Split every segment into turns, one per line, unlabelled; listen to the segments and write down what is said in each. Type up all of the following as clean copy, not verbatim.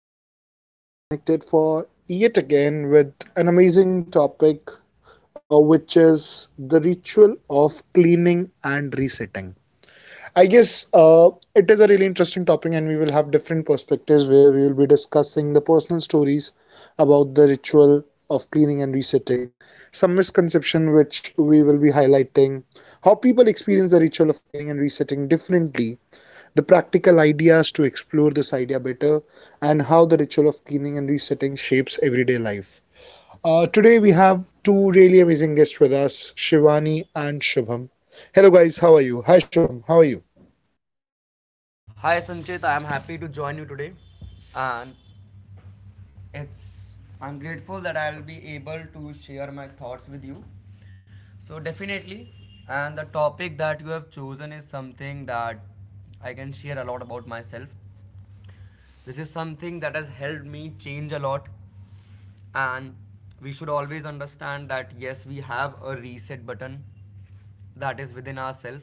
everyone. Today we have connected for yet again with an amazing topic, which is the ritual of cleaning and resetting. I guess it is a really interesting topic and we will have different perspectives where we will be discussing the personal stories about the ritual of cleaning and resetting, some misconception which we will be highlighting, how people experience the ritual of cleaning and resetting differently, the practical ideas to explore this idea better, and how the ritual of cleaning and resetting shapes everyday life. Today, we have two really amazing guests with us, Shivani and Shubham. Hello, guys, how are you? Hi, Shubham, how are you?
Hi Sanchit, I am happy to join you today, and It's I'm grateful that I'll be able to share my thoughts with you. So definitely, and the topic that you have chosen is something that I can share a lot about myself. This is something that has helped me change a lot. And we should always understand that yes, we have a reset button that is within ourselves,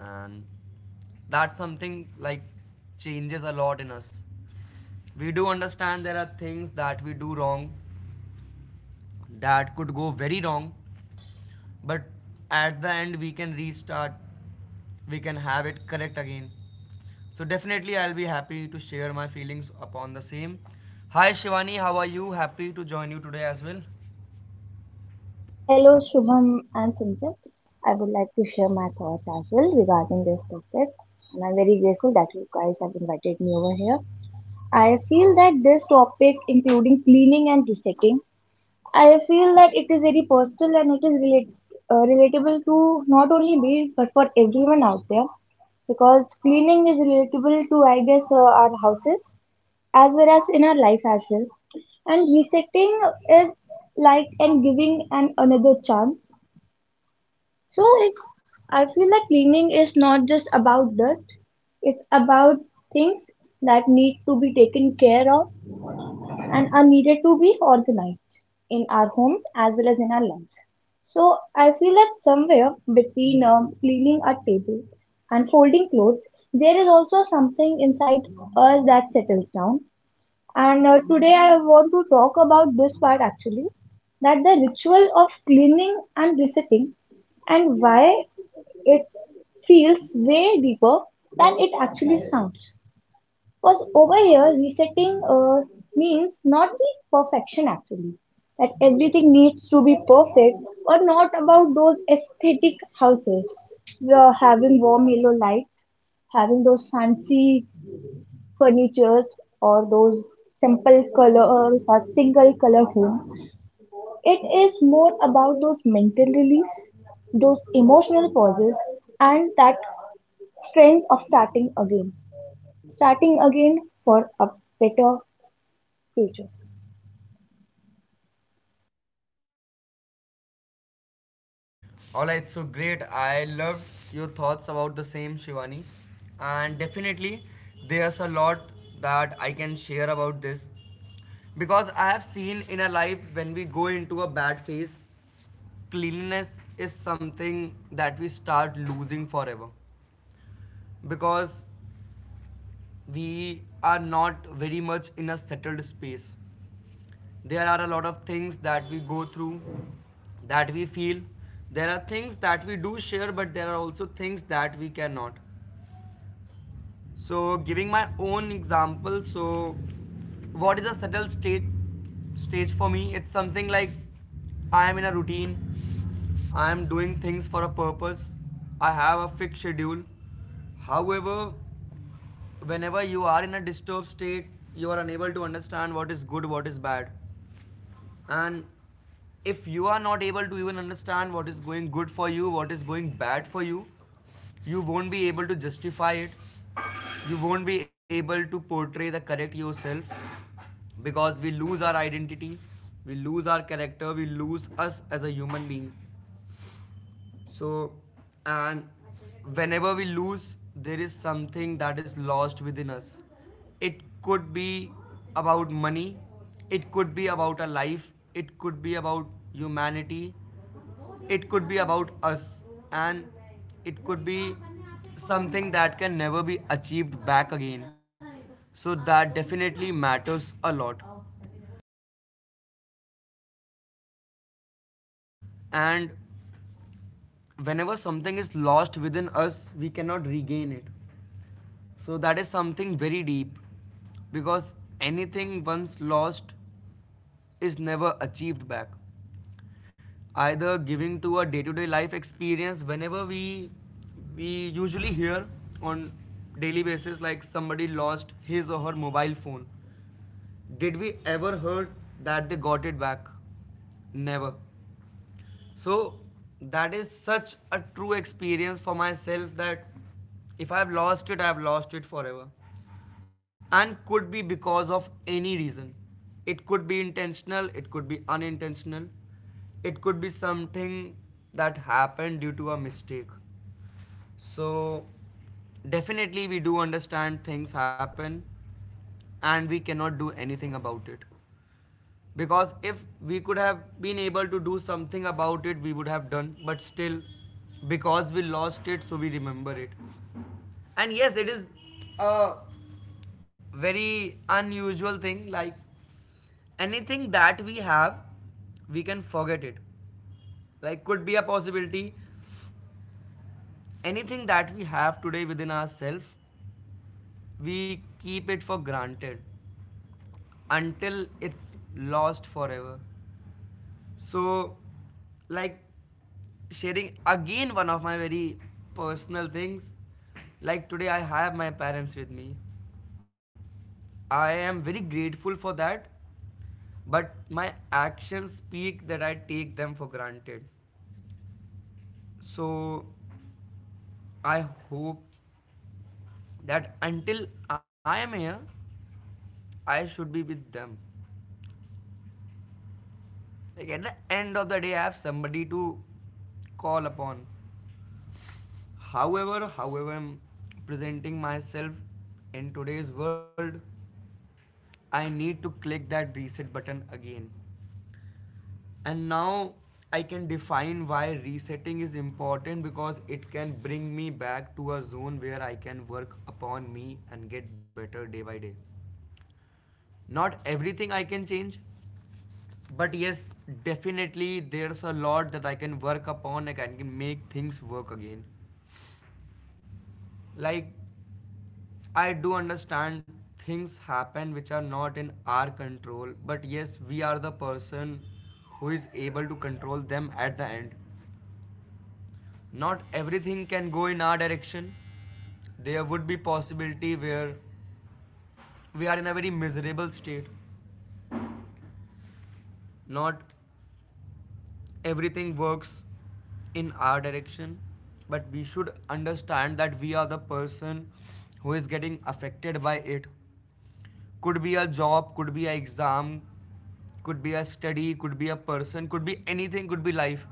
and that's something like changes a lot in us. We do understand there are things that we do wrong, that could go very wrong, but at the end we can restart, we can have it correct again. So definitely, I'll be happy to share my feelings upon the same. Hi Shivani, how are you? Happy to join you today as well.
Hello, Shubham and Simran. I would like to share my thoughts as well regarding this topic, and I'm very grateful that you guys have invited me over here. I feel that this topic, including cleaning and resetting, I feel that it is very personal and it is relatable to not only me but for everyone out there because cleaning is relatable to, I guess, our houses as well as in our life as well. And resetting is like and giving an another chance so it's I feel like cleaning is not just about dirt. It's about things that need to be taken care of and are needed to be organized in our homes as well as in our lives. So I feel that somewhere between cleaning a table and folding clothes, there is also something inside us that settles down and today I want to talk about this part actually that the ritual of cleaning and resetting and why it feels way deeper than it actually sounds. Because over here, resetting means not the perfection actually, that everything needs to be perfect or not about those aesthetic houses. The having warm yellow lights, having those fancy furnitures or those simple color or single color home. It is more about those mental relief, those emotional pauses, and that strength of starting again for a better future.
Alright, so great. I loved your thoughts about the same, Shivani. And definitely, there's a lot that I can share about this. Because I have seen in a life when we go into a bad phase, cleanliness is something that we start losing forever. Because we are not very much in a settled space, there are a lot of things that we go through, that we feel. There are things that we do share, but there are also things that we cannot. So giving my own example, so what is a settled state stage for me, it's something like I am in a routine, I am doing things for a purpose, I have a fixed schedule. However, whenever you are in a disturbed state, you are unable to understand what is good, what is bad. And if you are not able to even understand what is going good for you, what is going bad for you, you won't be able to justify it, you won't be able to portray the correct yourself. Because we lose our identity, we lose our character, we lose us as a human being. So, and whenever we lose, there is something that is lost within us. It could be about money, it could be about a life, it could be about humanity, it could be about us, and it could be something that can never be achieved back again. So, that definitely matters a lot. And whenever something is lost within us, we cannot regain it. So that is something very deep, because anything once lost is never achieved back. Either giving to a day-to-day life experience, whenever we usually hear on daily basis, like somebody lost his or her mobile phone. Did we ever heard that they got it back? Never. So that is such a true experience for myself, that if I've lost it, I've lost it forever. And could be because of any reason. It could be intentional, it could be unintentional, it could be something that happened due to a mistake. So definitely we do understand things happen and we cannot do anything about it. Because if we could have been able to do something about it we would have done, but still, because we lost it, so we remember it. And yes, it is a very unusual thing, like anything that we have, we can forget it. Like, could be a possibility. Anything that we have today within ourselves, we keep it for granted until it's lost forever. So, like, sharing again one of my very personal things. Like, today I have my parents with me. I am very grateful for that, but my actions speak that I take them for granted. So, I hope that until I am here, I should be with them. Like, at the end of the day, I have somebody to call upon. However I'm presenting myself in today's world, I need to click that reset button again. And now I can define why resetting is important, because it can bring me back to a zone where I can work upon me and get better day by day. Not everything I can change, but yes, definitely there's a lot that I can work upon, I can make things work again. Like, I do understand things happen which are not in our control, but yes, we are the person who is able to control them at the end. Not everything can go in our direction. There would be possibility where we are in a very miserable state. Not everything works in our direction, but we should understand that we are the person who is getting affected by it. Could be a job, could be an exam, could be a study, could be a person, could be anything, could be life.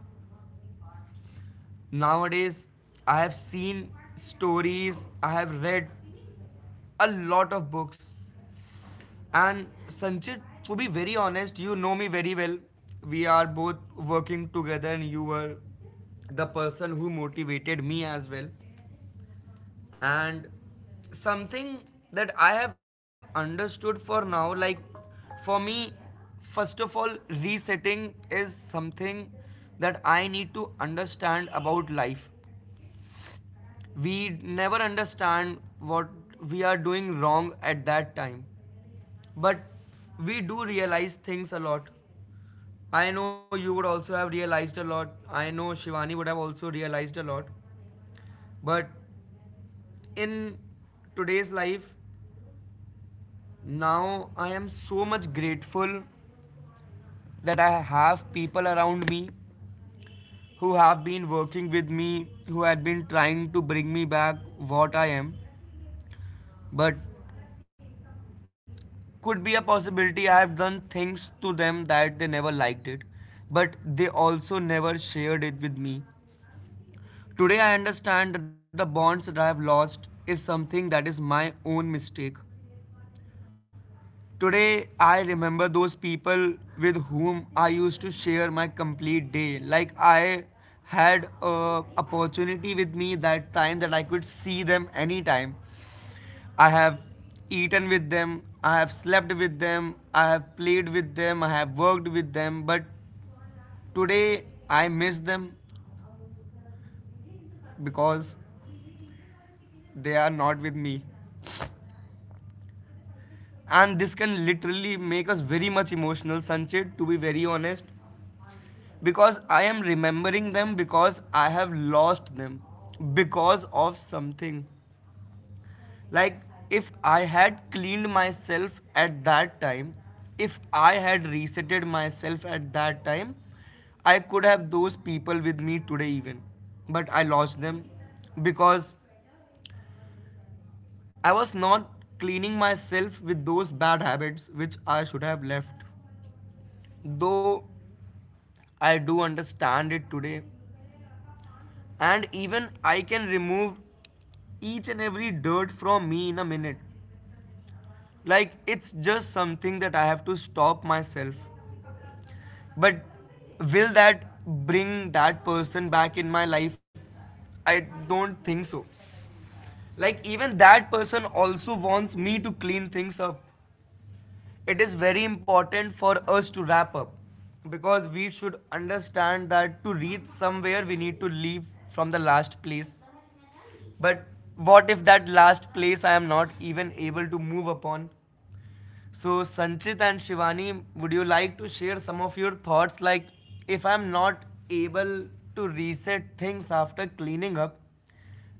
Nowadays, I have seen stories, I have read a lot of books. And Sanchit, to be very honest, you know me very well. We are both working together, and you were the person who motivated me as well. And something that I have understood for now, like for me, first of all, resetting is something that I need to understand about life. We never understand what we are doing wrong at that time, but we do realize things a lot. I know you would also have realized a lot, I know Shivani would have also realized a lot. But in today's life, now I am so much grateful that I have people around me, who have been working with me, who had been trying to bring me back what I am. But could be a possibility I have done things to them that they never liked it, but they also never shared it with me. Today I understand that the bonds that I have lost is something that is my own mistake. Today, I remember those people with whom I used to share my complete day. Like, I had a opportunity with me that time that I could see them anytime. I have eaten with them, I have slept with them, I have played with them, I have worked with them, but today I miss them because they are not with me. And this can literally make us very much emotional, Sanchit, to be very honest. Because I am remembering them, because I have lost them, because of something. Like, if I had cleaned myself at that time, if I had resetted myself at that time, I could have those people with me today, even. But I lost them because I was not cleaning myself with those bad habits which I should have left. Though I do understand it today, and even I can remove each and every dirt from me in a minute. Like, it's just something that I have to stop myself. But will that bring that person back in my life? I don't think so. Like, even that person also wants me to clean things up. It is very important for us to wrap up, because we should understand that to reach somewhere we need to leave from the last place. But what if that last place I am not even able to move upon? So, Sanchit and Shivani, would you like to share some of your thoughts? Like, if I'm not able to reset things after cleaning up,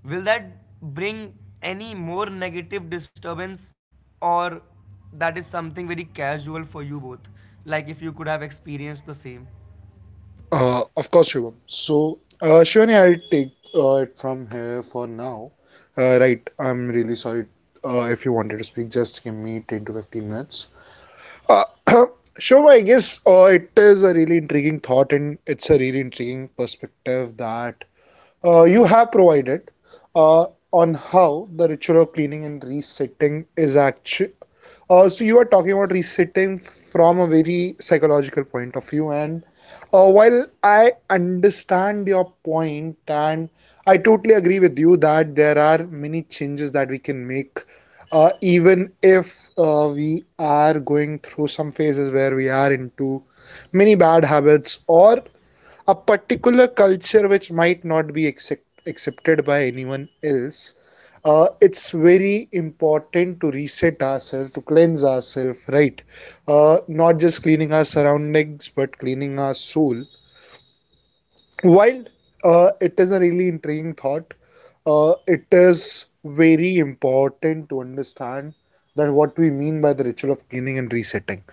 will that bring any more negative disturbance, or that is something very casual for you both? Like, if you could have experienced the same.
Of course, Shubham. So, Shivani, I'll take it from here for now. Right, I'm really sorry if you wanted to speak, just give me 10 to 15 minutes. Uh, Shoma, I guess it is a really intriguing thought, and it's a really intriguing perspective that you have provided uh, on how the ritual of cleaning and resetting is actually. So you are talking about resetting from a very psychological point of view, and while I understand your point, and I totally agree with you that there are many changes that we can make, even if we are going through some phases where we are into many bad habits or a particular culture which might not be accepted by anyone else. It's very important to reset ourselves, to cleanse ourselves, right? Not just cleaning our surroundings, but cleaning our soul. While it is a really intriguing thought, it is very important to understand that what we mean by the ritual of cleaning and resetting,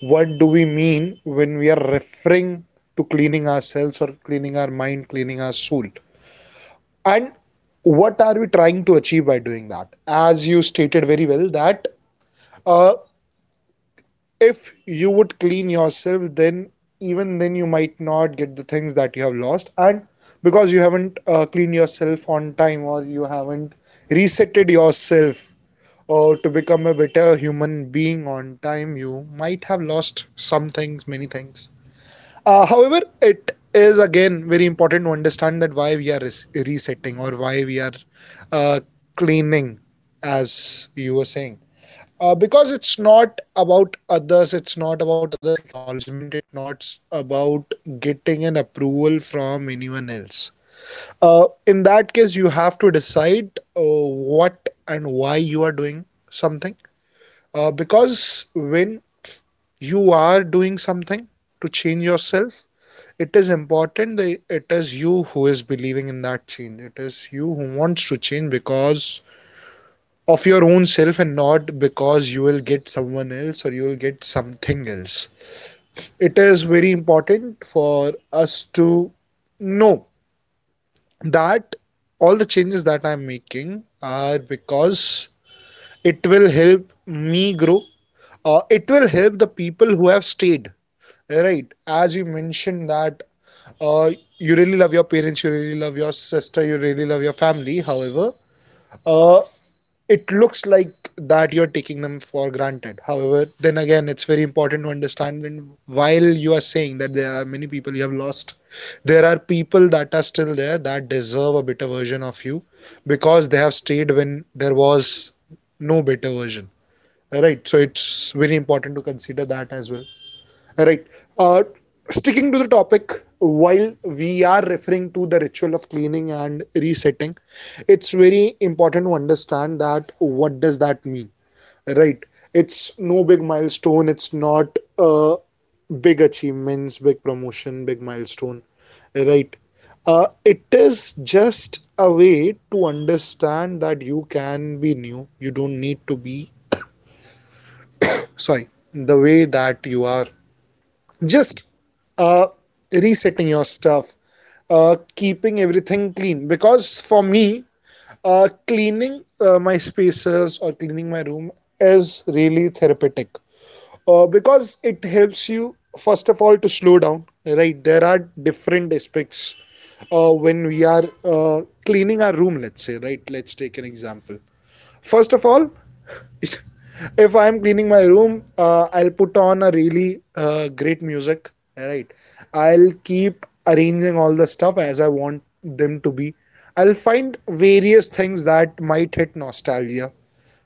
what do we mean when we are referring to cleaning ourselves or cleaning our mind, cleaning our soul? And what are we trying to achieve by doing that? As you stated very well, that uh, if you would clean yourself, then even then you might not get the things that you have lost, and because you haven't cleaned yourself on time, or you haven't resetted yourself or to become a better human being on time, you might have lost some things, many things. However, it is again very important to understand that why we are resetting or why we are uh, cleaning, as you were saying. Because it's not about others, it's not about others' acknowledgement, it's not about getting an approval from anyone else. In that case, you have to decide what and why you are doing something. Because when you are doing something to change yourself, it is important that it is you who is believing in that change, it is you who wants to change because of your own self, and not because you will get someone else or you will get something else. It is very important for us to know that all the changes that I'm making are because it will help me grow. It will help the people who have stayed, right? As you mentioned that uh, you really love your parents, you really love your sister, you really love your family. However, uh, it looks like that you're taking them for granted. However, then again, it's very important to understand when, while you are saying that there are many people you have lost, there are people that are still there that deserve a better version of you, because they have stayed when there was no better version. Right, so it's very important to consider that as well. Right. Uh, Sticking to the topic, while we are referring to the ritual of cleaning and resetting, it's very important to understand that what does that mean, right? It's no big milestone. It's not big achievements, big promotion, big milestone, right? It is just a way to understand that you can be new. You don't need to be, sorry, the way that you are. Just uh, resetting your stuff, keeping everything clean, because for me cleaning my spaces or cleaning my room is really therapeutic. Because it helps you, first of all, to slow down, right? There are different aspects when we are cleaning our room, let's say, right? Let's take an example. First of all, if I'm cleaning my room, I'll put on a really great music. Right. I'll keep arranging all the stuff as I want them to be. I'll find various things that might hit nostalgia.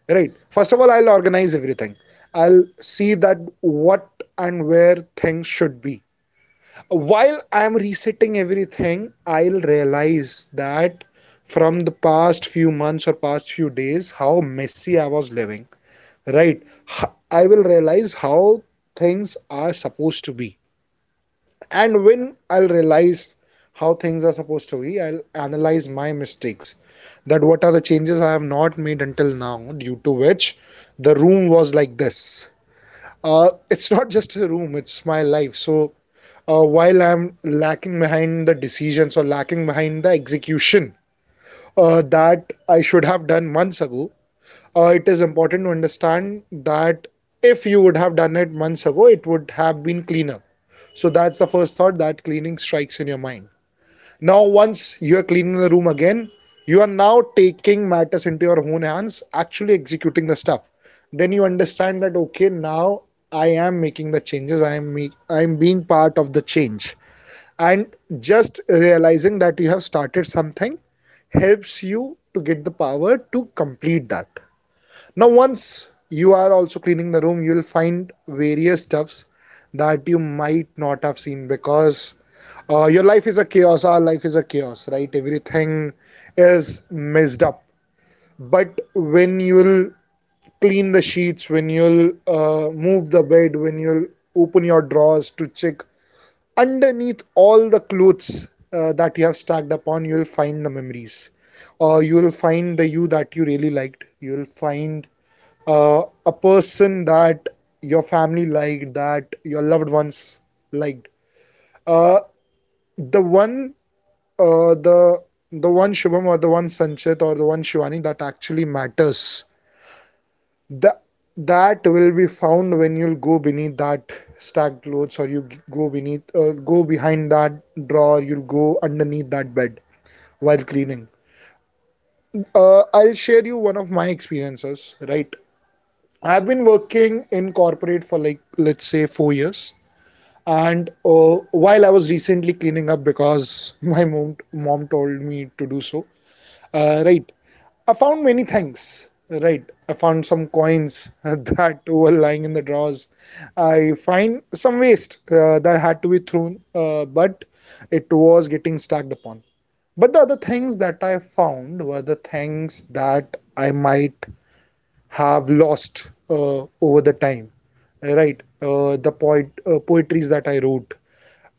Right. First of all, I'll organize everything. I'll see that what and where things should be. While I'm resetting everything, I'll realize that from the past few months or past few days, how messy I was living, right? I will realize how things are supposed to be, and when I'll realize how things are supposed to be, I'll analyze my mistakes, that what are the changes I have not made until now, due to which the room was like this. It's not just a room, it's my life. So while I'm lacking behind the decisions or lacking behind the execution, that I should have done months ago, it is important to understand that if you would have done it months ago, it would have been cleaner. So that's the first thought that cleaning strikes in your mind. Now, once you are cleaning the room again, you are now taking matters into your own hands, actually executing the stuff. Then you understand that okay, now I am making the changes. I am being part of the change, and just realizing that you have started something helps you to get the power to complete that. Now once you are also cleaning the room, you'll find various stuffs that you might not have seen, because your life is a chaos, our life is a chaos, right? Everything is messed up. But when you'll clean the sheets, when you'll move the bed, when you'll open your drawers to check underneath all the clothes that you have stacked upon, you'll find the memories. You will find the you that you really liked, you will find a person that your family liked, that your loved ones liked. Uh, the one, uh, the the one Shubham or the one Sanchit or the one Shivani that actually matters. The, that will be found when you'll go beneath that stacked clothes, or you go beneath, go behind that drawer, you'll go underneath that bed, while cleaning. I'll share you one of my experiences, right? I've been working in corporate for like, let's say, 4 years. And while I was recently cleaning up because my mom told me to do so, right, I found many things. Right, I found some coins that were lying in the drawers. I find some waste that had to be thrown, but it was getting stacked upon. But the other things that I found were the things that I might have lost over the time. Right, the poet poetries that I wrote,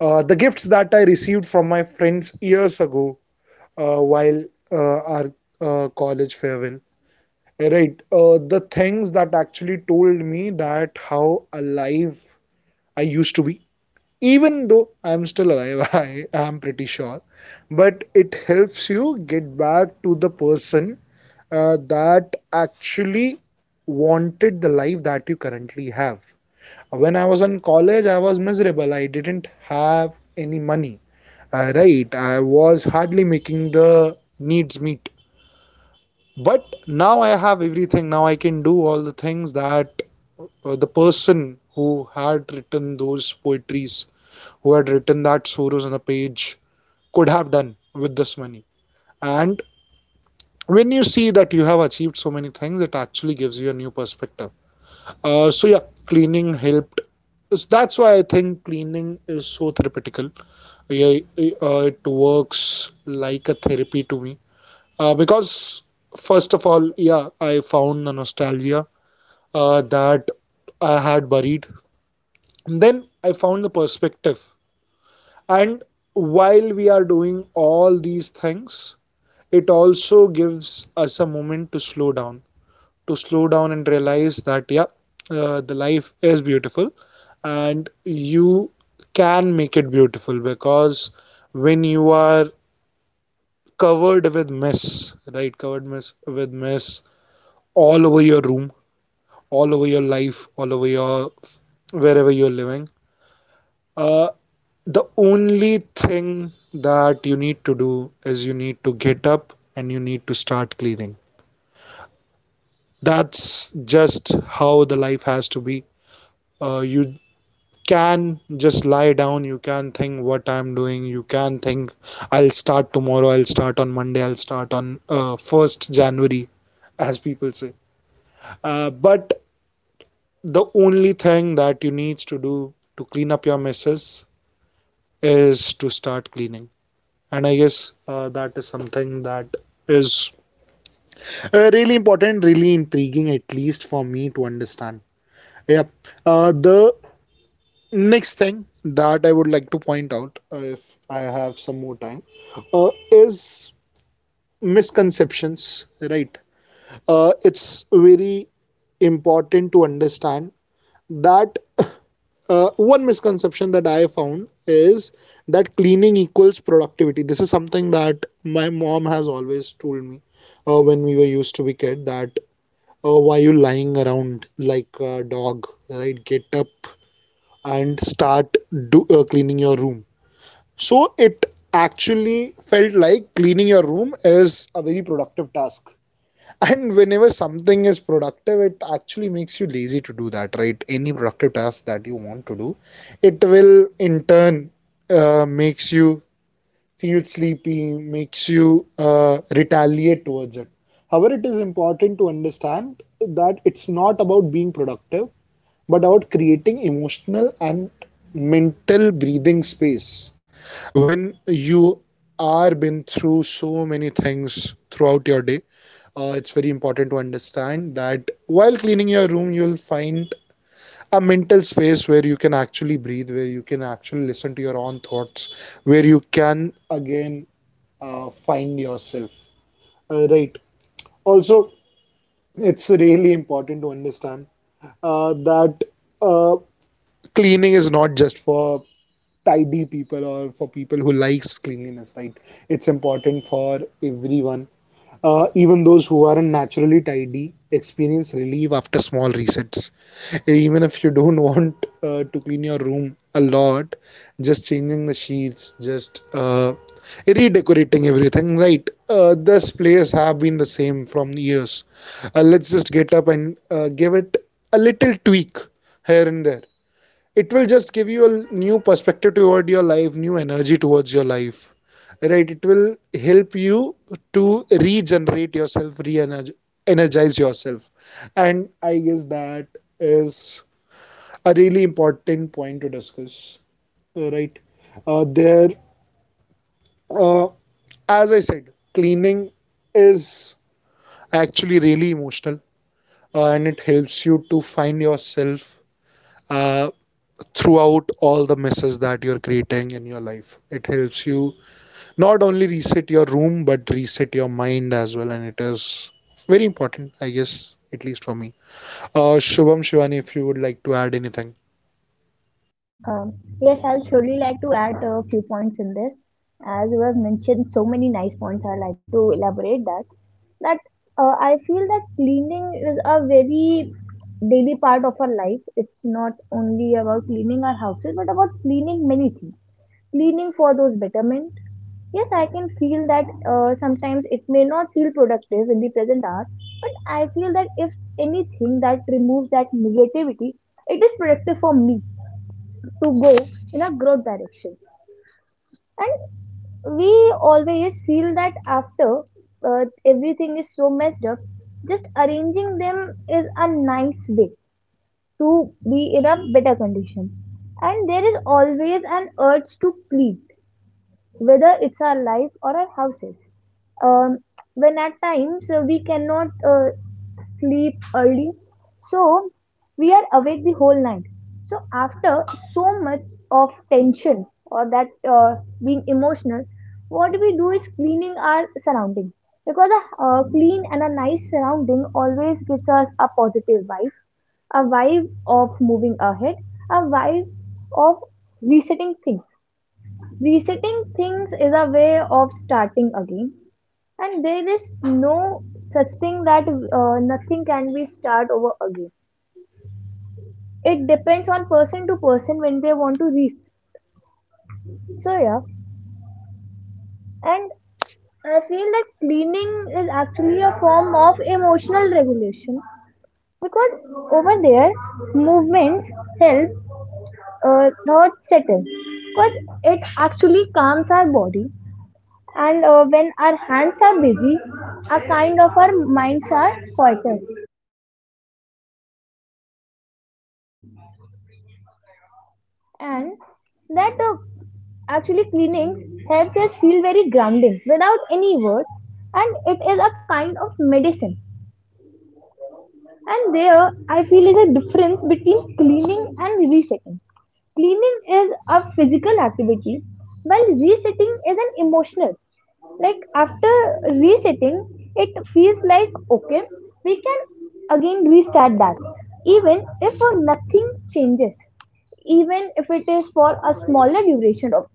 the gifts that I received from my friends years ago, while our college farewell. Right. The things that actually told me that how alive I used to be. Even though I'm still alive, I am pretty sure. But it helps you get back to the person that actually wanted the life that you currently have. When I was in college, I was miserable. I didn't have any money. Right, I was hardly making the needs meet. But now I have everything, now I can do all the things that the person who had written those poetries, who had written that sorrows on the page, could have done with this money. And when you see that you have achieved so many things, it actually gives you a new perspective. So yeah, cleaning helped. So that's why I think cleaning is so therapeutical. Yeah, it works like a therapy to me. Because first of all, yeah, I found the nostalgia that I had buried. And then I found the perspective. And while we are doing all these things, it also gives us a moment to slow down, to slow down and realize that yeah, the life is beautiful. And you can make it beautiful, because when you are covered with mess, right? covered mess With mess all over your room, all over your life, all over your, wherever you're living. Uh, the only thing that you need to do is you need to get up and you need to start cleaning. That's just how the life has to be. You can just lie down, you can think what I'm doing, you can think I'll start tomorrow, I'll start on Monday, I'll start on January 1st, as people say. But the only thing that you need to do to clean up your messes is to start cleaning, and I guess that is something that is really important, really intriguing, at least for me to understand. Yeah. The next thing that I would like to point out, if I have some more time, is misconceptions, right? It's very important to understand that one misconception that I found is that cleaning equals productivity. This is something that my mom has always told me when we were used to be kid, that why you lying around like a dog, right? Get up and start do cleaning your room. So it actually felt like cleaning your room is a very productive task, and whenever something is productive, it actually makes you lazy to do that, right? Any productive task that you want to do, it will in turn makes you feel sleepy, makes you retaliate towards it. However, it is important to understand that it's not about being productive, but about creating emotional and mental breathing space. When you are been through so many things throughout your day, it's very important to understand that while cleaning your room, you'll find a mental space where you can actually breathe, where you can actually listen to your own thoughts, where you can again find yourself. Right. Also, it's really important to understand that uh, cleaning is not just for tidy people or for people who likes cleanliness, right? It's important for everyone. Even those who aren't naturally tidy experience relief after small resets. Even if you don't want to clean your room a lot, just changing the sheets, just redecorating everything, right? This place have been the same from years. Let's just get up and give it a little tweak here and there. It will just give you a new perspective toward your life, new energy towards your life. Right, it will help you to regenerate yourself, re-energize yourself, and I guess that is a really important point to discuss, right? There uh, as I said, cleaning is actually really emotional, and it helps you to find yourself uh, throughout all the messes that you're creating in your life. It helps you not only reset your room but reset your mind as well, and it is very important, I guess, at least for me. Shubham, Shivani, if you would like to add anything.
Um, yes, I'll surely like to add a few points in this. As you have mentioned so many nice points, I like to elaborate that. That I feel that cleaning is a very daily part of our life. It's not only about cleaning our houses, but about cleaning many things. Cleaning for those betterment. Yes, I can feel that sometimes it may not feel productive in the present hour, but I feel that if anything that removes that negativity, it is productive for me to go in a growth direction. And we always feel that after uh, thing is up, just arranging them is a nice way to be in a better condition. And there is always an urge to clean, whether it's our life or our houses. Um, when at times we cannot so we are awake the whole night. So after so much of tension or that being emotional, what we do is cleaning our surrounding because a clean and a nice surrounding always gives us a positive vibe, a vibe of moving ahead, a vibe of resetting things. Resetting things is a way of starting again, and there is no such thing that nothing can be start over again. It depends on person to person when they want to reach. So yeah, and I feel that cleaning is actually a form of emotional regulation because over there movements help thoughts settle because it actually calms our body, and when our hands are busy our kind of our minds are quieter, and that the actually cleanings helps us feel very grounding without any words, and it is a kind of medicine. And there, I feel is a difference between cleaning and resetting. Cleaning is a physical activity, while resetting is an emotional. Like after resetting, it feels like okay, we can again restart that, even if nothing changes, even if it is for a smaller duration of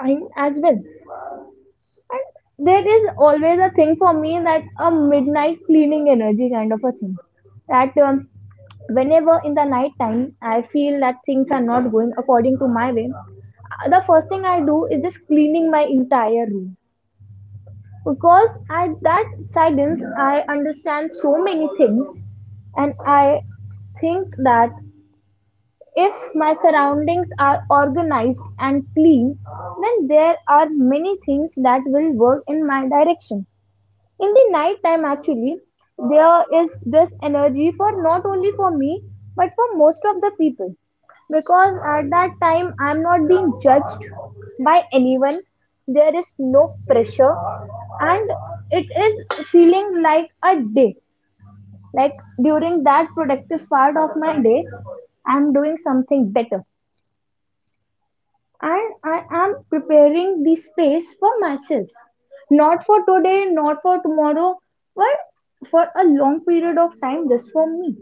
time as well. And there is always a thing for me that a midnight cleaning energy kind of a thing. That Whenever in the night time I feel that things are not going according to my way, the first thing I do is just cleaning my entire room because at that silence I understand so many things, and I think that if my surroundings are organized and clean, then there are many things that will work in my direction. In the night time actually there is this energy for not only for me but for most of the people, because at that time I'm not being judged by anyone, there is no pressure, and it is feeling like a day, like during that productive part of my day I'm doing something better, and I am preparing the space for myself. Not for today, not for tomorrow, but for a long period of time just for me.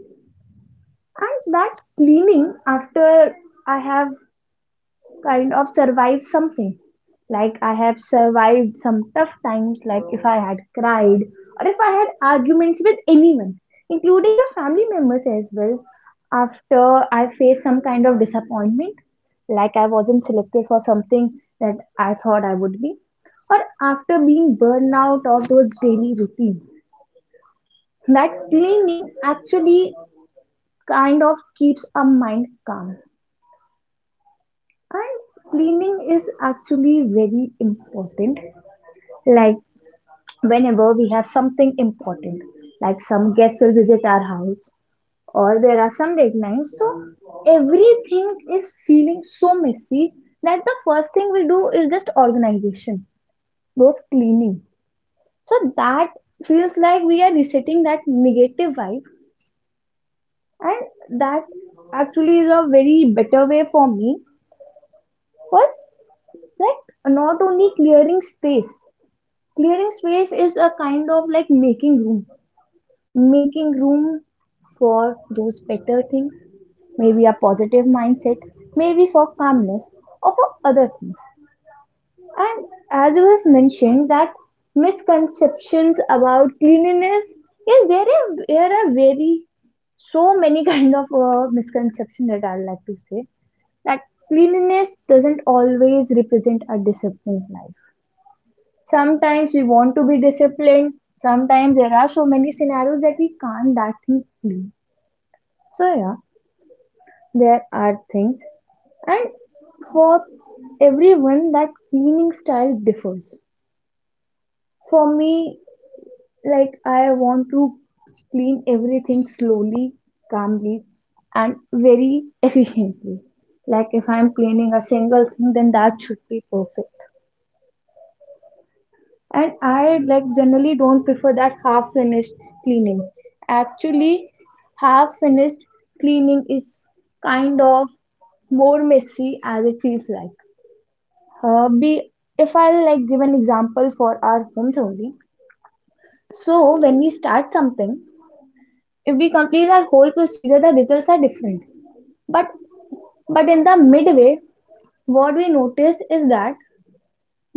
And that cleaning after I have kind of survive something. Like I have survived some tough times, like if I had cried or if I had arguments with anyone, including our family members as well, after I faced some kind of disappointment, like I wasn't selected for something that I thought I would be, or after being burned out of those daily routines. That cleaning actually kind of keeps our mind calm. And cleaning is actually very important. Like whenever we have something important, like some guests will visit our house or there are some deadlines. So everything is feeling so messy that the first thing we do is just organization, those cleaning. So that feels like we are resetting that negative vibe, and that actually is a very better way for me. Was like not only clearing space. Clearing space is a kind of like making room for those better things, maybe a positive mindset, maybe for calmness or for other things. And as you have mentioned that misconceptions about cleanliness, yes, there are very so many kind of misconception that I like to say that cleanliness doesn't always represent a disciplined life. Sometimes we want to be disciplined. Sometimes there are so many scenarios that we can't that thing clean. So yeah, there are things. And for everyone, that cleaning style differs. For me, like I want to clean everything slowly, calmly, and very efficiently. Like if I'm cleaning a single thing, then that should be perfect. And I like generally don't prefer that half finished cleaning. Actually half finished cleaning is kind of more messy as it feels like be if I'll like give an example for our homes only, so when we start something, if we complete our whole procedure the results are different, but but in the midway what we notice is that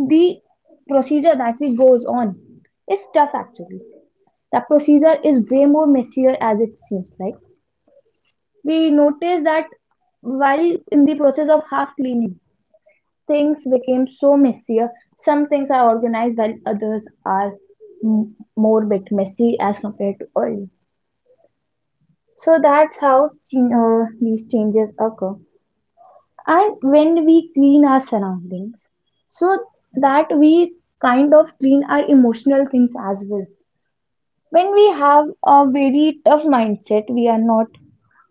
the procedure that we goes on is tough. Actually the procedure is way more messier as it seems like. We noticed that while in the process of half cleaning, things became so messier. Some things are organized while others are more bit messy as compared to earlier. So that's how these changes occur. And when we clean our surroundings, so that we kind of clean our emotional things as well. When we have a very tough mindset, we are not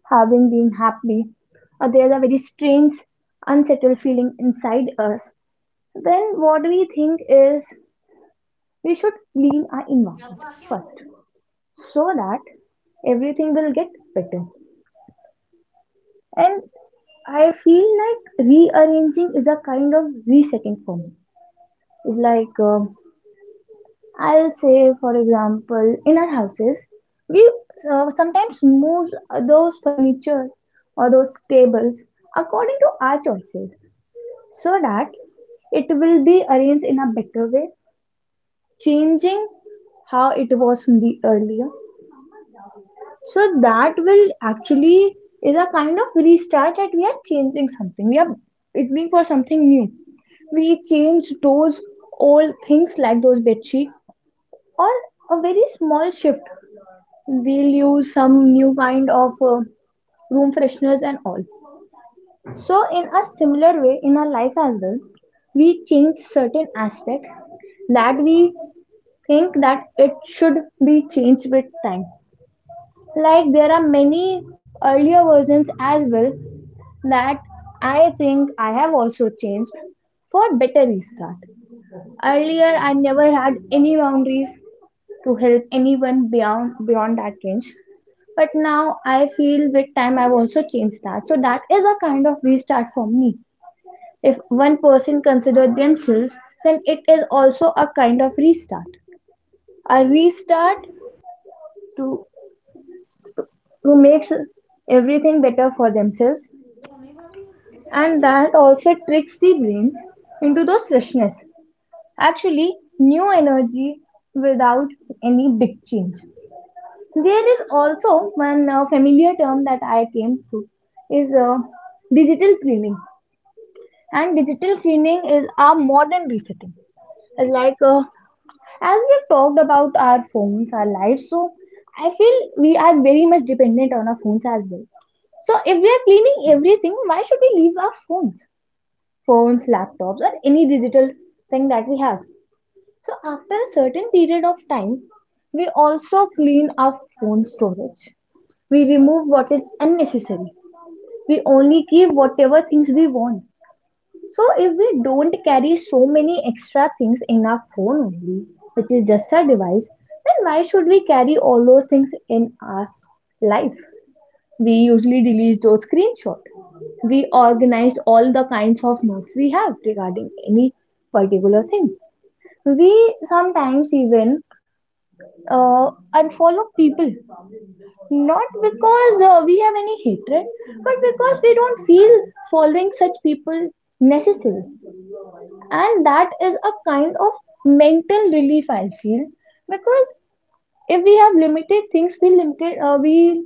having being happy, or there's a very strange, unsettled feeling inside us, then what we think is we should clean our environment first so that everything will get better. And I feel like rearranging is a kind of resetting for me. It's like I'll say, for example, in our houses, we sometimes move those furniture or those tables according to our choices so that it will be arranged in a better way, changing how it was from the earlier. So that will actually is a kind of restart that we are changing something. We are beginning for something new. We change those old things like those bedsheet or a very small shift, we'll use some new kind of room fresheners and all. So, in a similar way, in our life as well, we change certain aspect that we think that it should be changed with time. Like there are many earlier versions as well that I think I have also changed for better restart. Earlier, I never had any boundaries to help anyone beyond that range. But now I feel with time I've also changed that. So that is a kind of restart for me. If one person considers themselves, then it is also a kind of restart. A restart to to make everything better for themselves, and that also tricks the brains into those freshness. Actually, new energy without any big change. There is also one familiar term that I came through is digital cleaning, and digital cleaning is our modern resetting. Like as we've talked about our phones, our lives, so I feel we are very much dependent on our phones as well. So if we are cleaning everything, why should we leave our phones, phones, laptops, or any digital thing that we have? So after a certain period of time, we also clean our phone storage. We remove what is unnecessary. We only keep whatever things we want. So if we don't carry so many extra things in our phone only, which is just our device, then why should we carry all those things in our life? We usually delete those screenshots. We organize all the kinds of notes we have regarding any particular thing. We sometimes even unfollow people not because we have any hatred, but because we don't feel following such people necessary. And that is a kind of mental relief, I feel, because if we have limited things, we limited we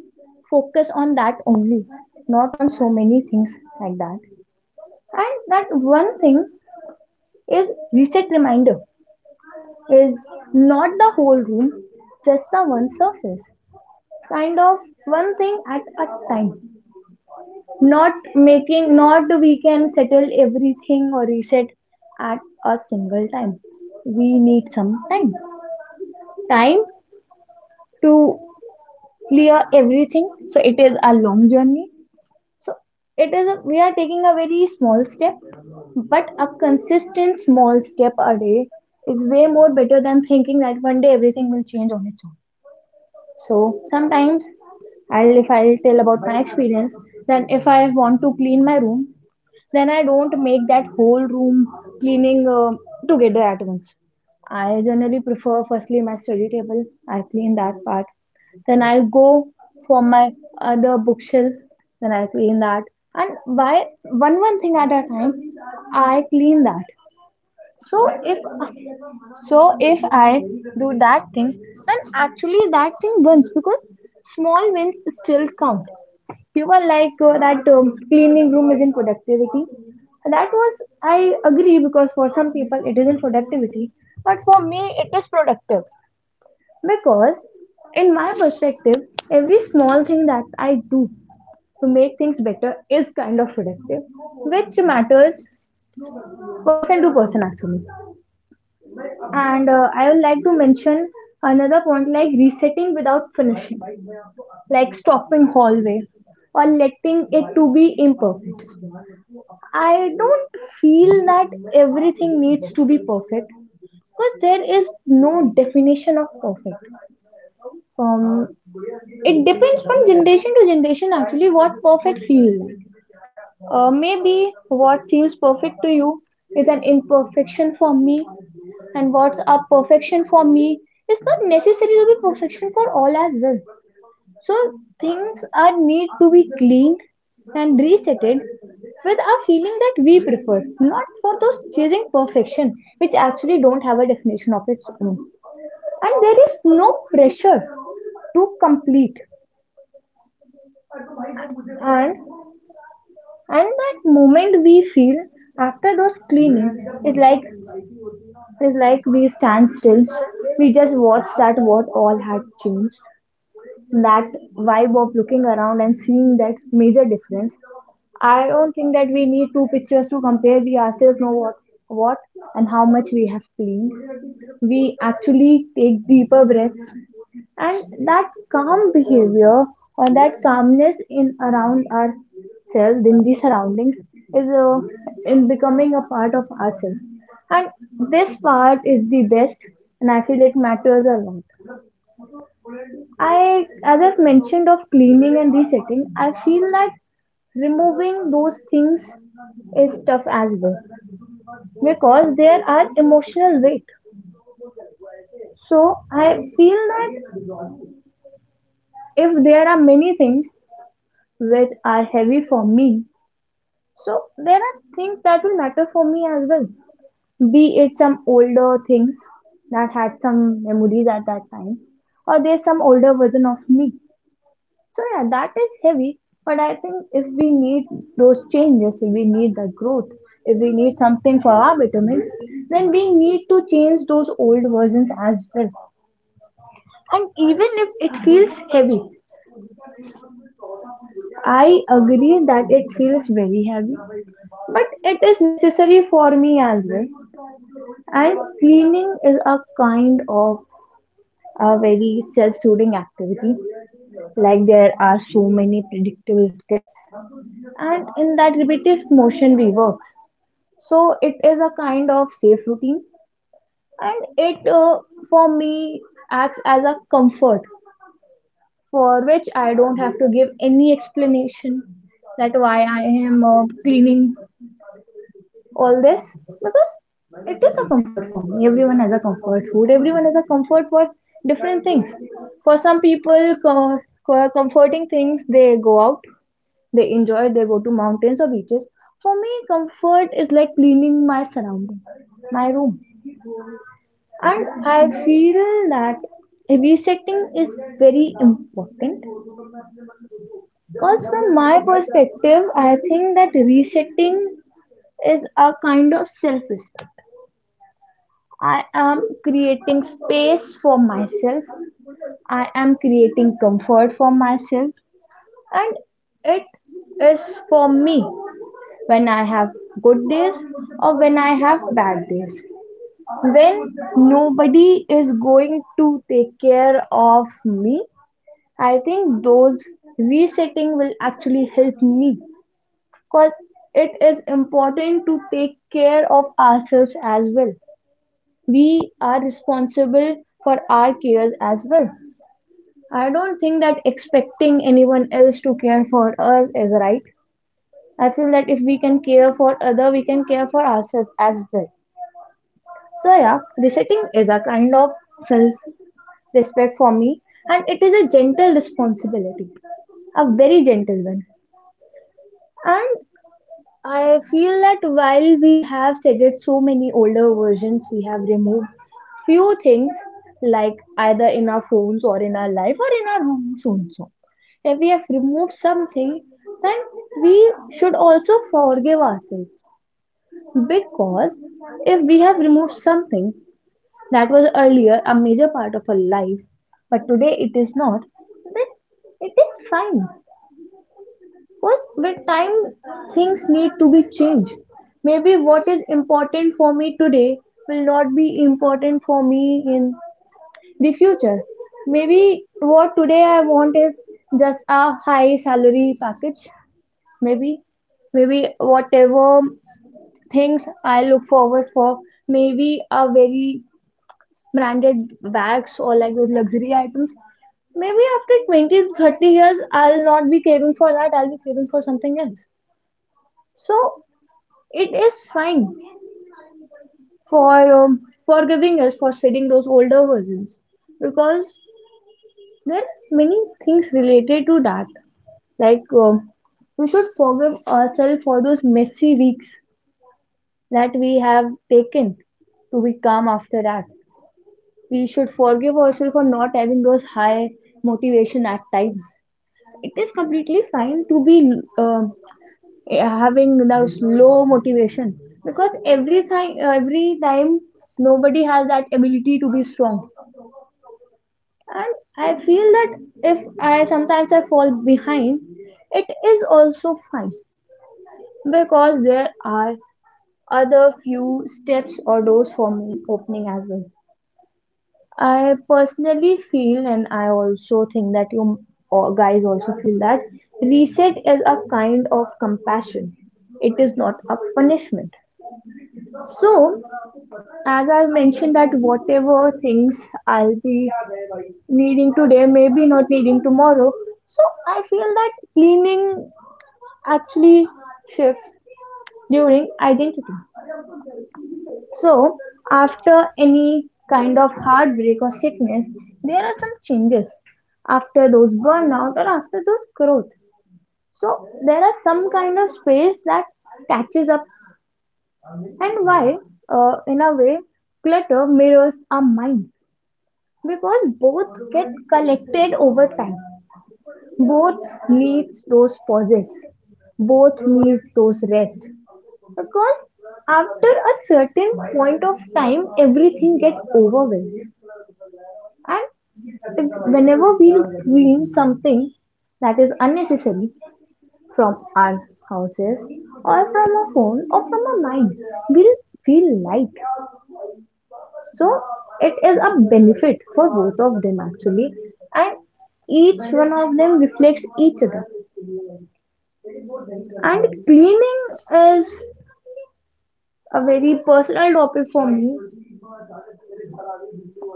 focus on that only, not on so many things like that. And that one thing is reset reminder, is not the whole room, just the one surface, kind of one thing at a time. Not making, not we can settle everything or reset at a single time. We need some time, time to clear everything, so it is a long journey. So it is a, we are taking a very small step, but a consistent small step a day is way more better than thinking that one day everything will change on its own. So sometimes I'll, if I'll tell about my experience, then if I want to clean my room, then I don't make that whole room cleaning together at once. I generally prefer firstly my study table. I clean that part. Then I go for my other bookshelf. Then I clean that. And by one thing at a time, I clean that. So if, so if I do that thing, then actually that thing wins because small wins still count. You were like that cleaning room is in productivity. That was, I agree, because for some people it isn't productivity, but for me it is productive because, in my perspective, every small thing that I do to make things better is kind of productive, which matters person to person actually. And I would like to mention another point, like resetting without finishing, like stopping hallway or letting it to be imperfect. I don't feel that everything needs to be perfect because there is no definition of perfect. Um, it depends from generation to generation actually what perfect feels like. Maybe what seems perfect to you is an imperfection for me, and what's a perfection for me is not necessary to be perfection for all as well. So things are need to be cleaned and resetted with a feeling that we prefer, not for those chasing perfection, which actually don't have a definition of its own. And there is no pressure to complete, and that moment we feel after those cleaning is like, is like we stand still, we just watch that what all had changed, that vibe of looking around and seeing that major difference. I don't think that we need two pictures to compare. We ourselves know what and how much we have cleaned. We actually take deeper breaths, and that calm behavior or that calmness in around ourselves in the surroundings is in becoming a part of ourselves. And this part is the best, and I feel it matters a lot. I, as I've mentioned of cleaning and resetting, I feel that removing those things is tough as well because there are emotional weight. So I feel that if there are many things which are heavy for me, so there are things that will matter for me as well. Be it some older things that had some memories at that time, or there's some older version of me. So yeah, that is heavy. But I think if we need those changes, if we need the growth, if we need something for our betterment, then we need to change those old versions as well. And even if it feels heavy, I agree that it feels very heavy, but it is necessary for me as well. And cleaning is a kind of a very self-soothing activity, like there are so many predictable steps, and in that repetitive motion we work, so it is a kind of safe routine. And it for me acts as a comfort, for which I don't have to give any explanation that why I am cleaning all this, because it is a comfort for me. Everyone has a comfort food, everyone has a comfort for different things. For some people, comforting things, they go out. They enjoy, they go to mountains or beaches. For me, comfort is like cleaning my surrounding, my room. And I feel that resetting is very important because, from my perspective, I think that resetting is a kind of self-respect. I am creating space for myself. I am creating comfort for myself, and it is for me when I have good days or when I have bad days. When nobody is going to take care of me, I think those resetting will actually help me because it is important to take care of ourselves as well. We are responsible for our cares as well. I don't think that expecting anyone else to care for us is right. I feel that if we can care for other, we can care for ourselves as well. So yeah, resetting is a kind of self-respect for me, and it is a gentle responsibility, a very gentle one. And I feel that while we have said so many older versions, we have removed few things like either in our phones or in our life or in our rooms also. If we have removed something, then we should also forgive ourselves, because if we have removed something that was earlier a major part of her life, but today it is not, then it is fine. Because with time, things need to be changed. Maybe what is important for me today will not be important for me in the future. Maybe what today I want is just a high salary package. Maybe, maybe whatever things I look forward for, maybe a very branded bags or like those luxury items. Maybe after 20 to 30 years, I'll not be craving for that. I'll be craving for something else. So it is fine for forgiving us for studying those older versions, because there are many things related to that. Like we should forgive ourselves for those messy weeks that we have taken to be calm after that. We should forgive ourselves for not having those high motivation at times. It is completely fine to be um, having those low motivation, because every time nobody has that ability to be strong. And I feel that if I sometimes I fall behind, it is also fine because there are other few steps or doors for me opening as well. I personally feel, and I also think that you all guys also feel that reset is a kind of compassion. It is not a punishment. So, as I've mentioned, that whatever things I'll be needing today, maybe not needing tomorrow. So, I feel that cleaning actually shifts during identity. So, after any kind of heartbreak or sickness, there are some changes after those burnout or after those growth. So, there are some kind of space that catches up, and why, in a way, clutter mirrors our mind because both get collected over time, both needs those pauses, both needs those rest, because after a certain point of time everything gets overwhelmed. And if, whenever we clean something that is unnecessary from our houses or from our phone or from our mind, we will feel light. So it is a benefit for both of them actually, and each one of them reflects each other. And cleaning is a very personal topic for me.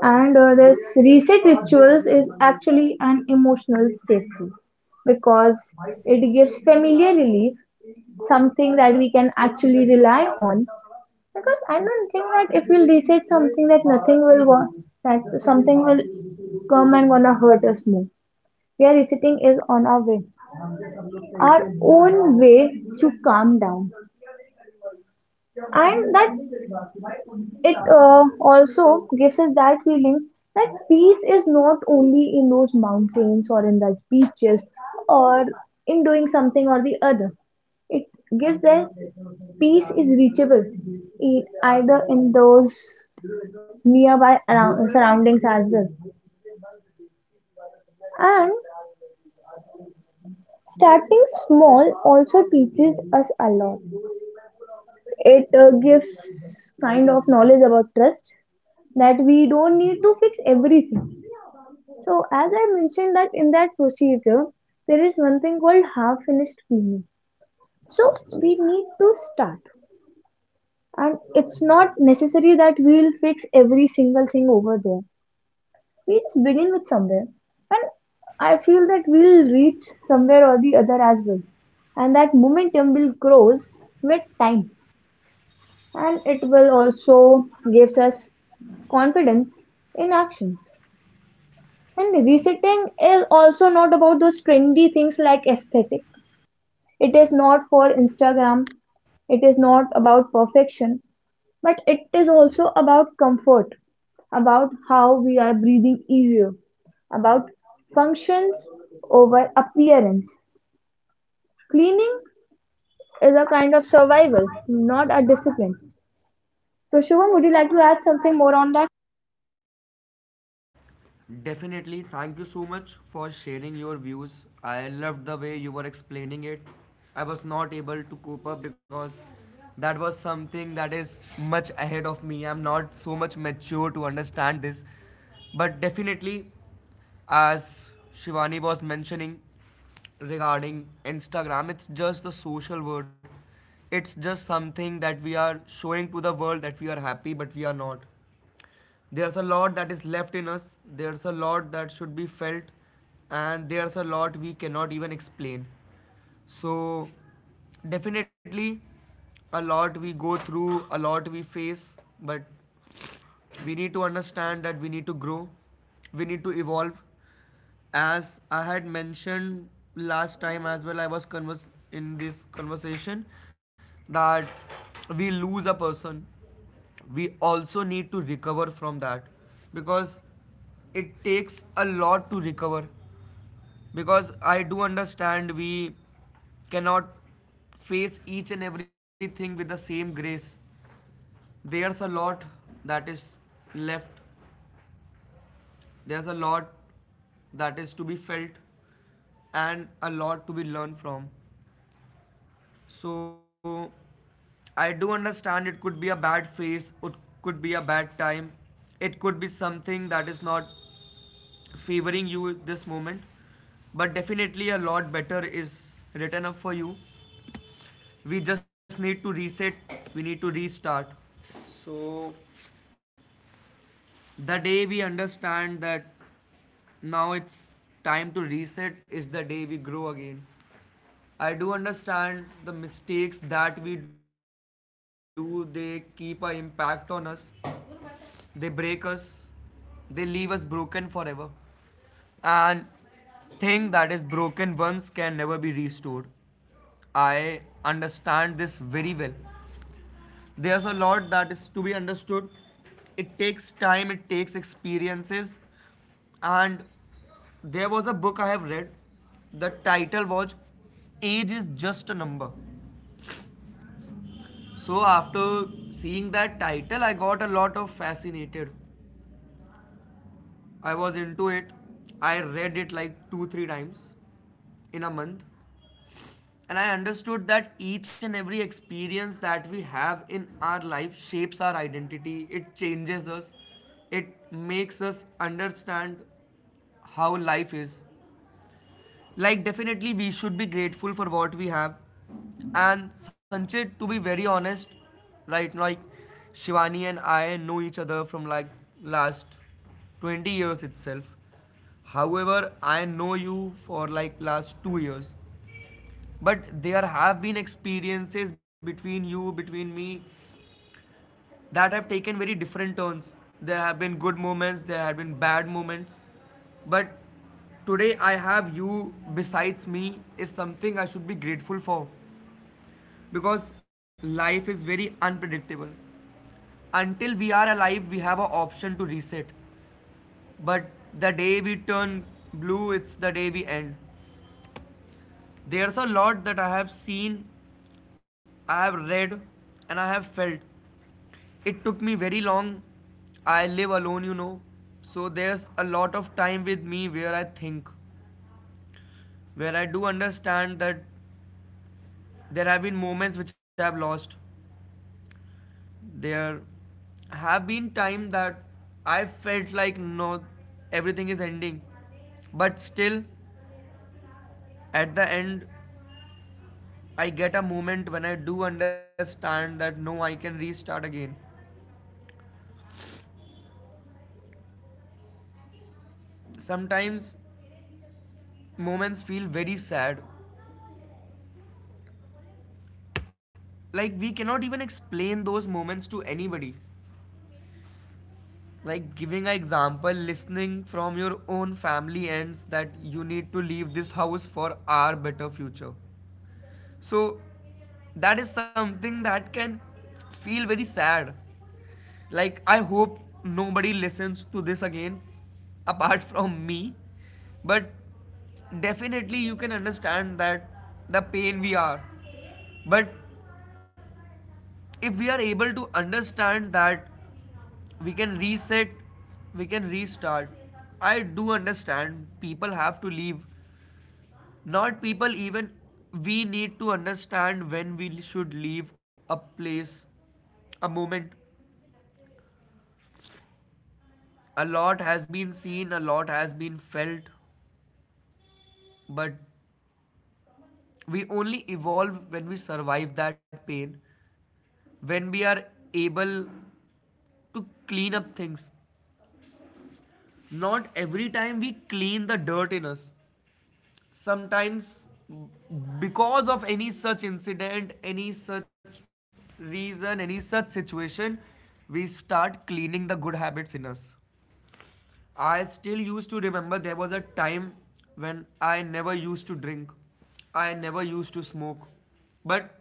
And this reset rituals is actually an emotional safety because it gives familiar relief, something that we can actually rely on. Because I don't think that if we'll reset something that nothing will go, that something will come and gonna hurt us more. We are resetting is on our way, our own way to calm down, and that it also gives us that feeling that peace is not only in those mountains or in those beaches or in doing something or the other. It gives that peace is reachable either in those nearby around, surroundings as well. And starting small also teaches us a lot. It gives kind of knowledge about trust, that we don't need to fix everything. So as I mentioned that in that procedure, there is one thing called half finished cleaning. So we need to start, and it's not necessary that we'll fix every single thing over there. We just begin with somewhere, and I feel that we'll reach somewhere or the other as well. And that momentum will grows with time, and it will also gives us confidence in actions. And resetting is also not about those trendy things like aesthetic. It is not for Instagram. It is not about perfection, but it is also about comfort, about how we are breathing easier, about functions over appearance. Cleaning is a kind of survival, not a discipline. So, Shubham, would you like to add something more on that?
Definitely. Thank you so much for sharing your views. I loved the way you were explaining it. I was not able to cope up because that was something that is much ahead of me. I'm not so much mature to understand this. But definitely, as Shivani was mentioning regarding Instagram, it's just the social word. It's just something that we are showing to the world that we are happy, but we are not. There's a lot that is left in us, there's a lot that should be felt, and there's a lot we cannot even explain. So, definitely, a lot we go through, a lot we face, but we need to understand that we need to grow, we need to evolve. As I had mentioned last time as well, I was converse in this conversation, that we lose a person, we also need to recover from that. Because it takes a lot to recover, because I do understand we cannot face each and everything with the same grace. There's a lot that is left. There's a lot that is to be felt, and a lot to be learned from. So I do understand, it could be a bad phase, it could be a bad time, it could be something that is not favoring you at this moment, but definitely a lot better is written up for you. We just need to reset, we need to restart. So the day we understand that now it's time to reset is the day we grow again. I do understand the mistakes that we do, they keep an impact on us, they break us, they leave us broken forever, and thing that is broken once can never be restored. I understand this very well. There's a lot that is to be understood. It takes time, it takes experiences. And there was a book I have read. The title was Age is Just a Number. So after seeing that title, I got a lot of fascinated. I was into it. I read it like two, three times in a month. And I understood that each and every experience that we have in our life shapes our identity, it changes us, it makes us understand how life is. Like, definitely, we should be grateful for what we have. And Sanchit, to be very honest, right, like Shivani and I know each other from like last 20 years itself. However, I know you for like last 2 years, but there have been experiences between you, between me, that have taken very different turns. There have been good moments, there have been bad moments, but today I have you besides me is something I should be grateful for, because life is very unpredictable. Until we are alive, we have an option to reset, but the day we turn blue, it's the day we end. There's a lot that I have seen, I have read, and I have felt. It took me very long. I live alone, So there's a lot of time with me where I think, where I do understand that there have been moments which I have lost. There have been time that I felt like no, everything is ending. But still, at the end, I get a moment when I do understand that no, I can restart again. Sometimes moments feel very sad. Like we cannot even explain those moments to anybody. Like giving an example, listening from your own family ends that you need to leave this house for our better future. So that is something that can feel very sad. Like I hope nobody listens to this again apart from me. But definitely you can understand that the pain we are, but if we are able to understand that we can reset, we can restart. I do understand people have to leave, not people even, we need to understand when we should leave a place, a moment. A lot has been seen, a lot has been felt, but we only evolve when we survive that pain, when we are able to clean up things. Not every time we clean the dirt in us. Sometimes because of any such incident, any such reason, any such situation, we start cleaning the good habits in us. I still used to remember there was a time when I never used to drink. I never used to smoke. But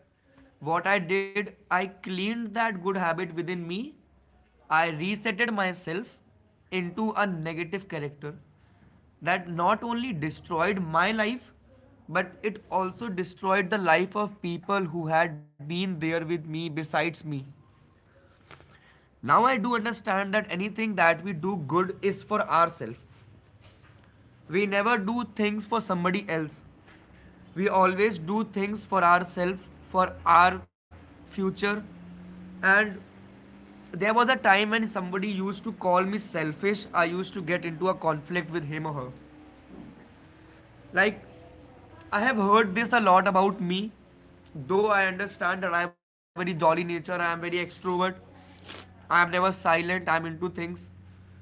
what I did, I cleaned that good habit within me. I resetted myself into a negative character that not only destroyed my life, but it also destroyed the life of people who had been there with me besides me. Now I do understand that anything that we do good is for ourselves, we never do things for somebody else. We always do things for ourselves, for our future. And there was a time when somebody used to call me selfish. I used to get into a conflict with him or her. Like, I have heard this a lot about me. Though I understand that I am very jolly nature, I am very extrovert, I am never silent, I am into things.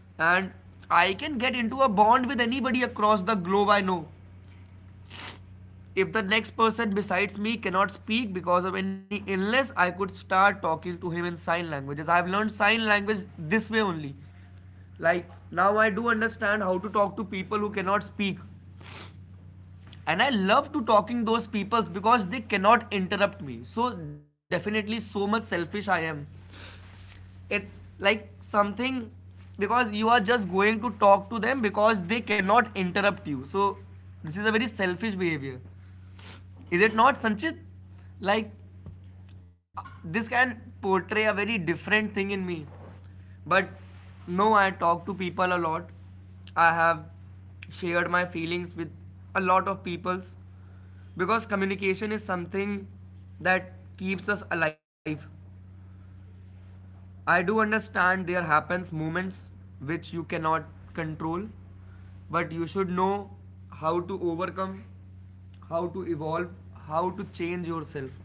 And I can get into a bond with anybody across the globe I know. If the next person besides me cannot speak because of any illness, I could start talking to him in sign languages. I have learned sign language this way only. Like now I do understand how to talk to people who cannot speak. And I love to talking those people because they cannot interrupt me. So definitely so much selfish I am. It's like something, because you are just going to talk to them because they cannot interrupt you. So this is a very selfish behavior. Is it not, Sanchit? Like, this can portray a very different thing in me. But no, I talk to people a lot. I have shared my feelings with a lot of people, because communication is something that keeps us alive. I do understand there happens moments which you cannot control, but you should know how to overcome, how to evolve, how to change yourself.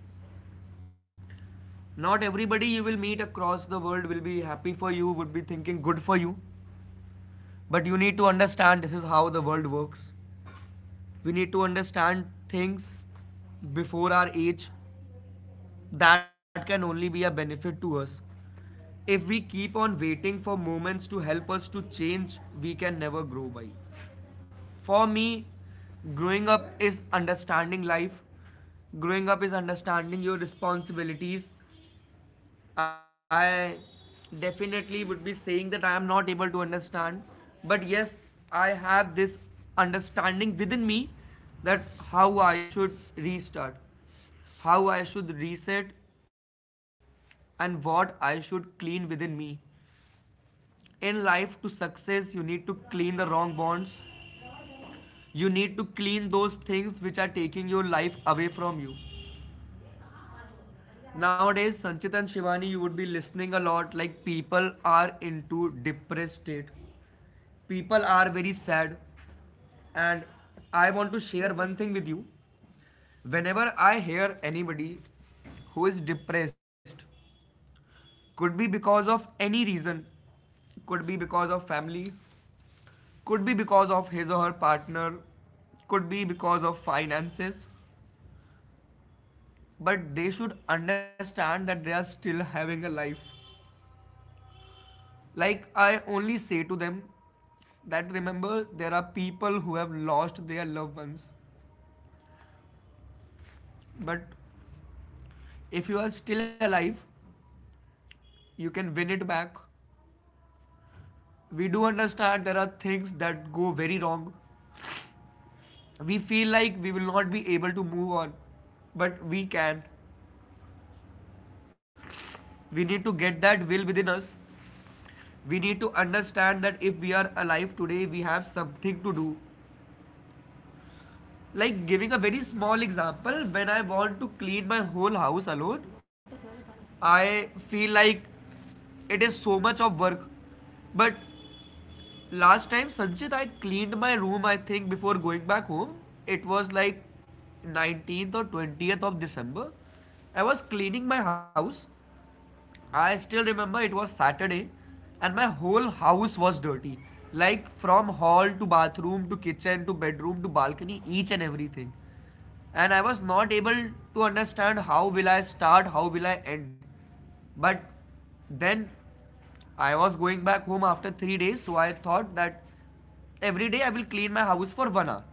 Not everybody you will meet across the world will be happy for you, would be thinking good for you, but you need to understand this is how the world works. We need to understand things before our age that can only be a benefit to us. If we keep on waiting for moments to help us to change, we can never grow by. For me, growing up is understanding life. Growing up is understanding your responsibilities. I definitely would be saying that I am not able to understand, but yes, I have this understanding within me that how I should restart, how I should reset, and what I should clean within me. In life, to success, you need to clean the wrong bonds. You need to clean those things which are taking your life away from you. Nowadays, Sanchit and Shivani, you would be listening a lot like people are into depressed state. People are very sad. And I want to share one thing with you. Whenever I hear anybody who is depressed, could be because of any reason, could be because of family, could be because of his or her partner, could be because of finances, but they should understand that they are still having a life. Like I only say to them that remember, there are people who have lost their loved ones, but if you are still alive, you can win it back. We do understand there are things that go very wrong, we feel like we will not be able to move on, but we can. We need to get that will within us. We need to understand that if we are alive today, we have something to do. Like giving a very small example, when I want to clean my whole house alone, I feel like it is so much of work. But last time, Sanchit, I cleaned my room, I think, before going back home. It was like 19th or 20th of December. I was cleaning my house. I still remember it was Saturday and my whole house was dirty. Like from hall to bathroom to kitchen to bedroom to balcony, each and everything. And I was not able to understand how will I start, how will I end. But then I was going back home after 3 days, so I thought that every day I will clean my house for 1 hour.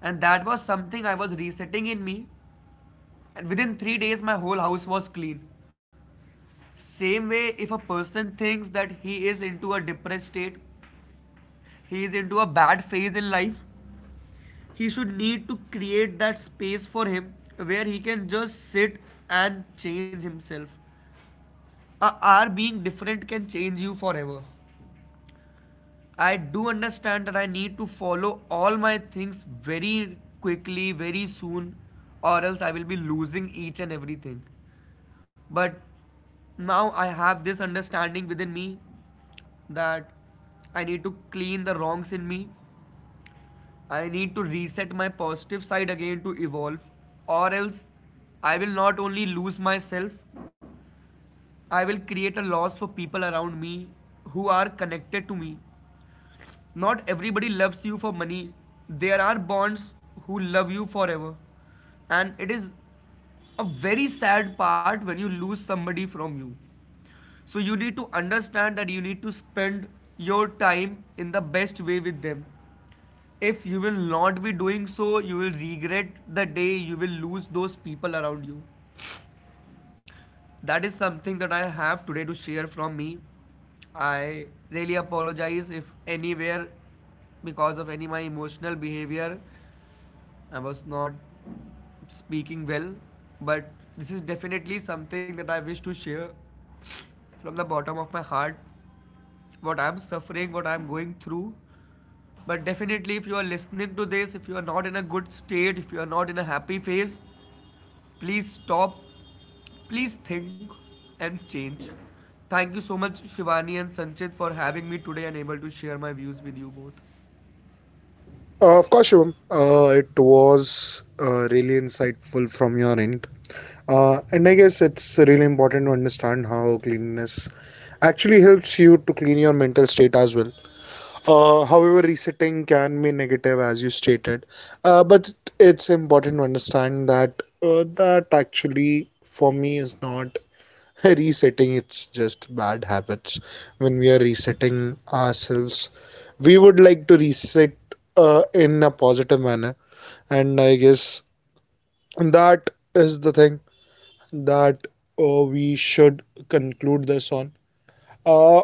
And that was something I was resetting in me. And within 3 days, my whole house was clean. Same way, if a person thinks that he is into a depressed state, he is into a bad phase in life, he should need to create that space for him where he can just sit and change himself. A R being different can change you forever. I do understand that I need to follow all my things very quickly, very soon, or else I will be losing each and everything. But now I have this understanding within me that I need to clean the wrongs in me. I need to reset my positive side again to evolve, or else I will not only lose myself, I will create a loss for people around me who are connected to me. Not everybody loves you for money. There are bonds who love you forever. And it is a very sad part when you lose somebody from you. So you need to understand that you need to spend your time in the best way with them. If you will not be doing so, you will regret the day you will lose those people around you. That is something that I have today to share from me. I really apologize if anywhere, because of any my emotional behavior, I was not speaking well. But this is definitely something that I wish to share from the bottom of my heart. What I'm suffering, what I'm going through. But definitely, if you are listening to this, if you are not in a good state, if you are not in a happy phase, please stop. Please think and change. Thank you so much, Shivani and Sanchit, for having me today and able to share my views with you both.
Of course, Shubham. It was really insightful from your end. And I guess it's really important to understand how cleanliness actually helps you to clean your mental state as well. However, resetting can be negative, as you stated, but it's important to understand that that actually for me is not resetting. It's just bad habits. When we are resetting ourselves, we would like to reset in a positive manner, and I guess that is the thing that we should conclude this on. Uh,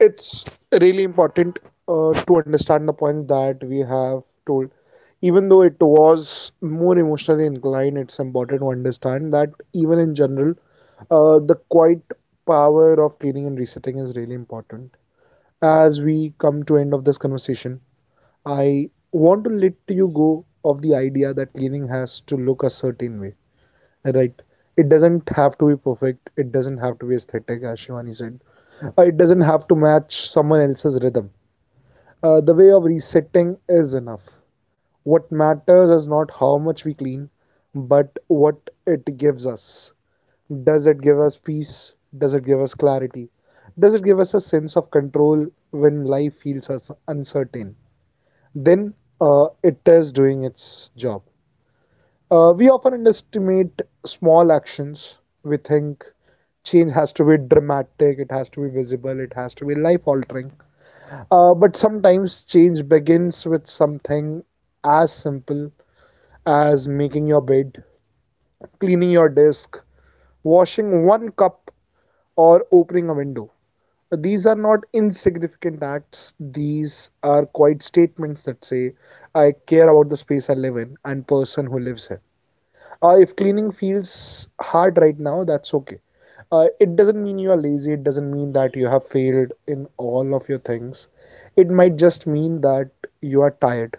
it's really important to understand the point that we have told. Even though it was more emotionally inclined, it's important to understand that even in general, the quiet power of cleaning and resetting is really important. As we come to end of this conversation, I want to let you go of the idea that cleaning has to look a certain way, right? It doesn't have to be perfect. It doesn't have to be aesthetic, as Shivani said. It doesn't have to match someone else's rhythm. The way of resetting is enough. What matters is not how much we clean, but what it gives us. Does it give us peace? Does it give us clarity? Does it give us a sense of control when life feels us uncertain? Then it is doing its job. We often underestimate small actions. We think change has to be dramatic, it has to be visible, it has to be life altering. But sometimes change begins with something as simple as making your bed, cleaning your desk, washing one cup, or opening a window. These are not insignificant acts, these are quite statements that say, I care about the space I live in and person who lives here. If cleaning feels hard right now, that's okay. It doesn't mean you are lazy, it doesn't mean that you have failed in all of your things. It might just mean that you are tired.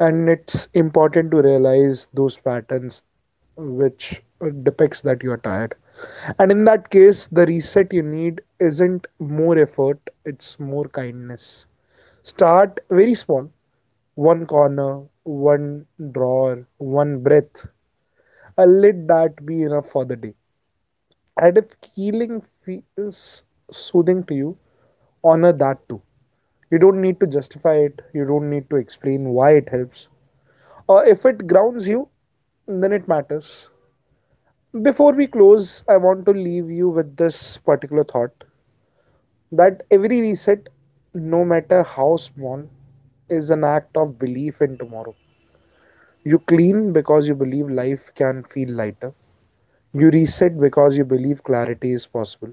And it's important to realize those patterns which depicts that you are tired. And in that case, the reset you need isn't more effort, it's more kindness. Start very small: one corner, one drawer, one breath, and let that be enough for the day. And if healing feels soothing to you, honor that too. You don't need to justify it, you don't need to explain why it helps. Or if it grounds you, then it matters. Before we close, I want to leave you with this particular thought that every reset, no matter how small, is an act of belief in tomorrow. You clean because you believe life can feel lighter. You reset because you believe clarity is possible.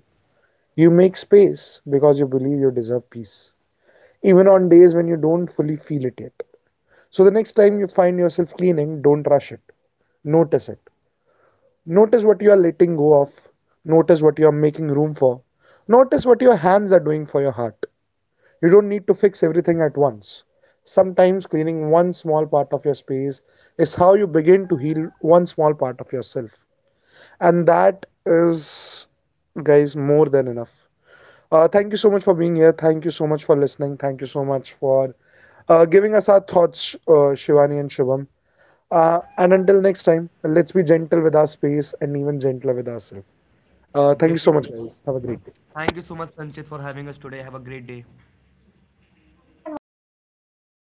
You make space because you believe you deserve peace, even on days when you don't fully feel it yet. So the next time you find yourself cleaning, don't rush it. Notice it. Notice what you are letting go of. Notice what you are making room for. Notice what your hands are doing for your heart. You don't need to fix everything at once. Sometimes cleaning one small part of your space is how you begin to heal one small part of yourself. And that is, guys, more than enough. Thank you so much for being here. Thank you so much for listening. Thank you so much for giving us our thoughts, Shivani and Shubham. And until next time, let's be gentle with our space and even gentler with ourselves. Thank you so
Definitely.
much, guys. Have a great day.
Thank you so much, Sanchit, for having us today. Have a great day.
Thank you for inviting me.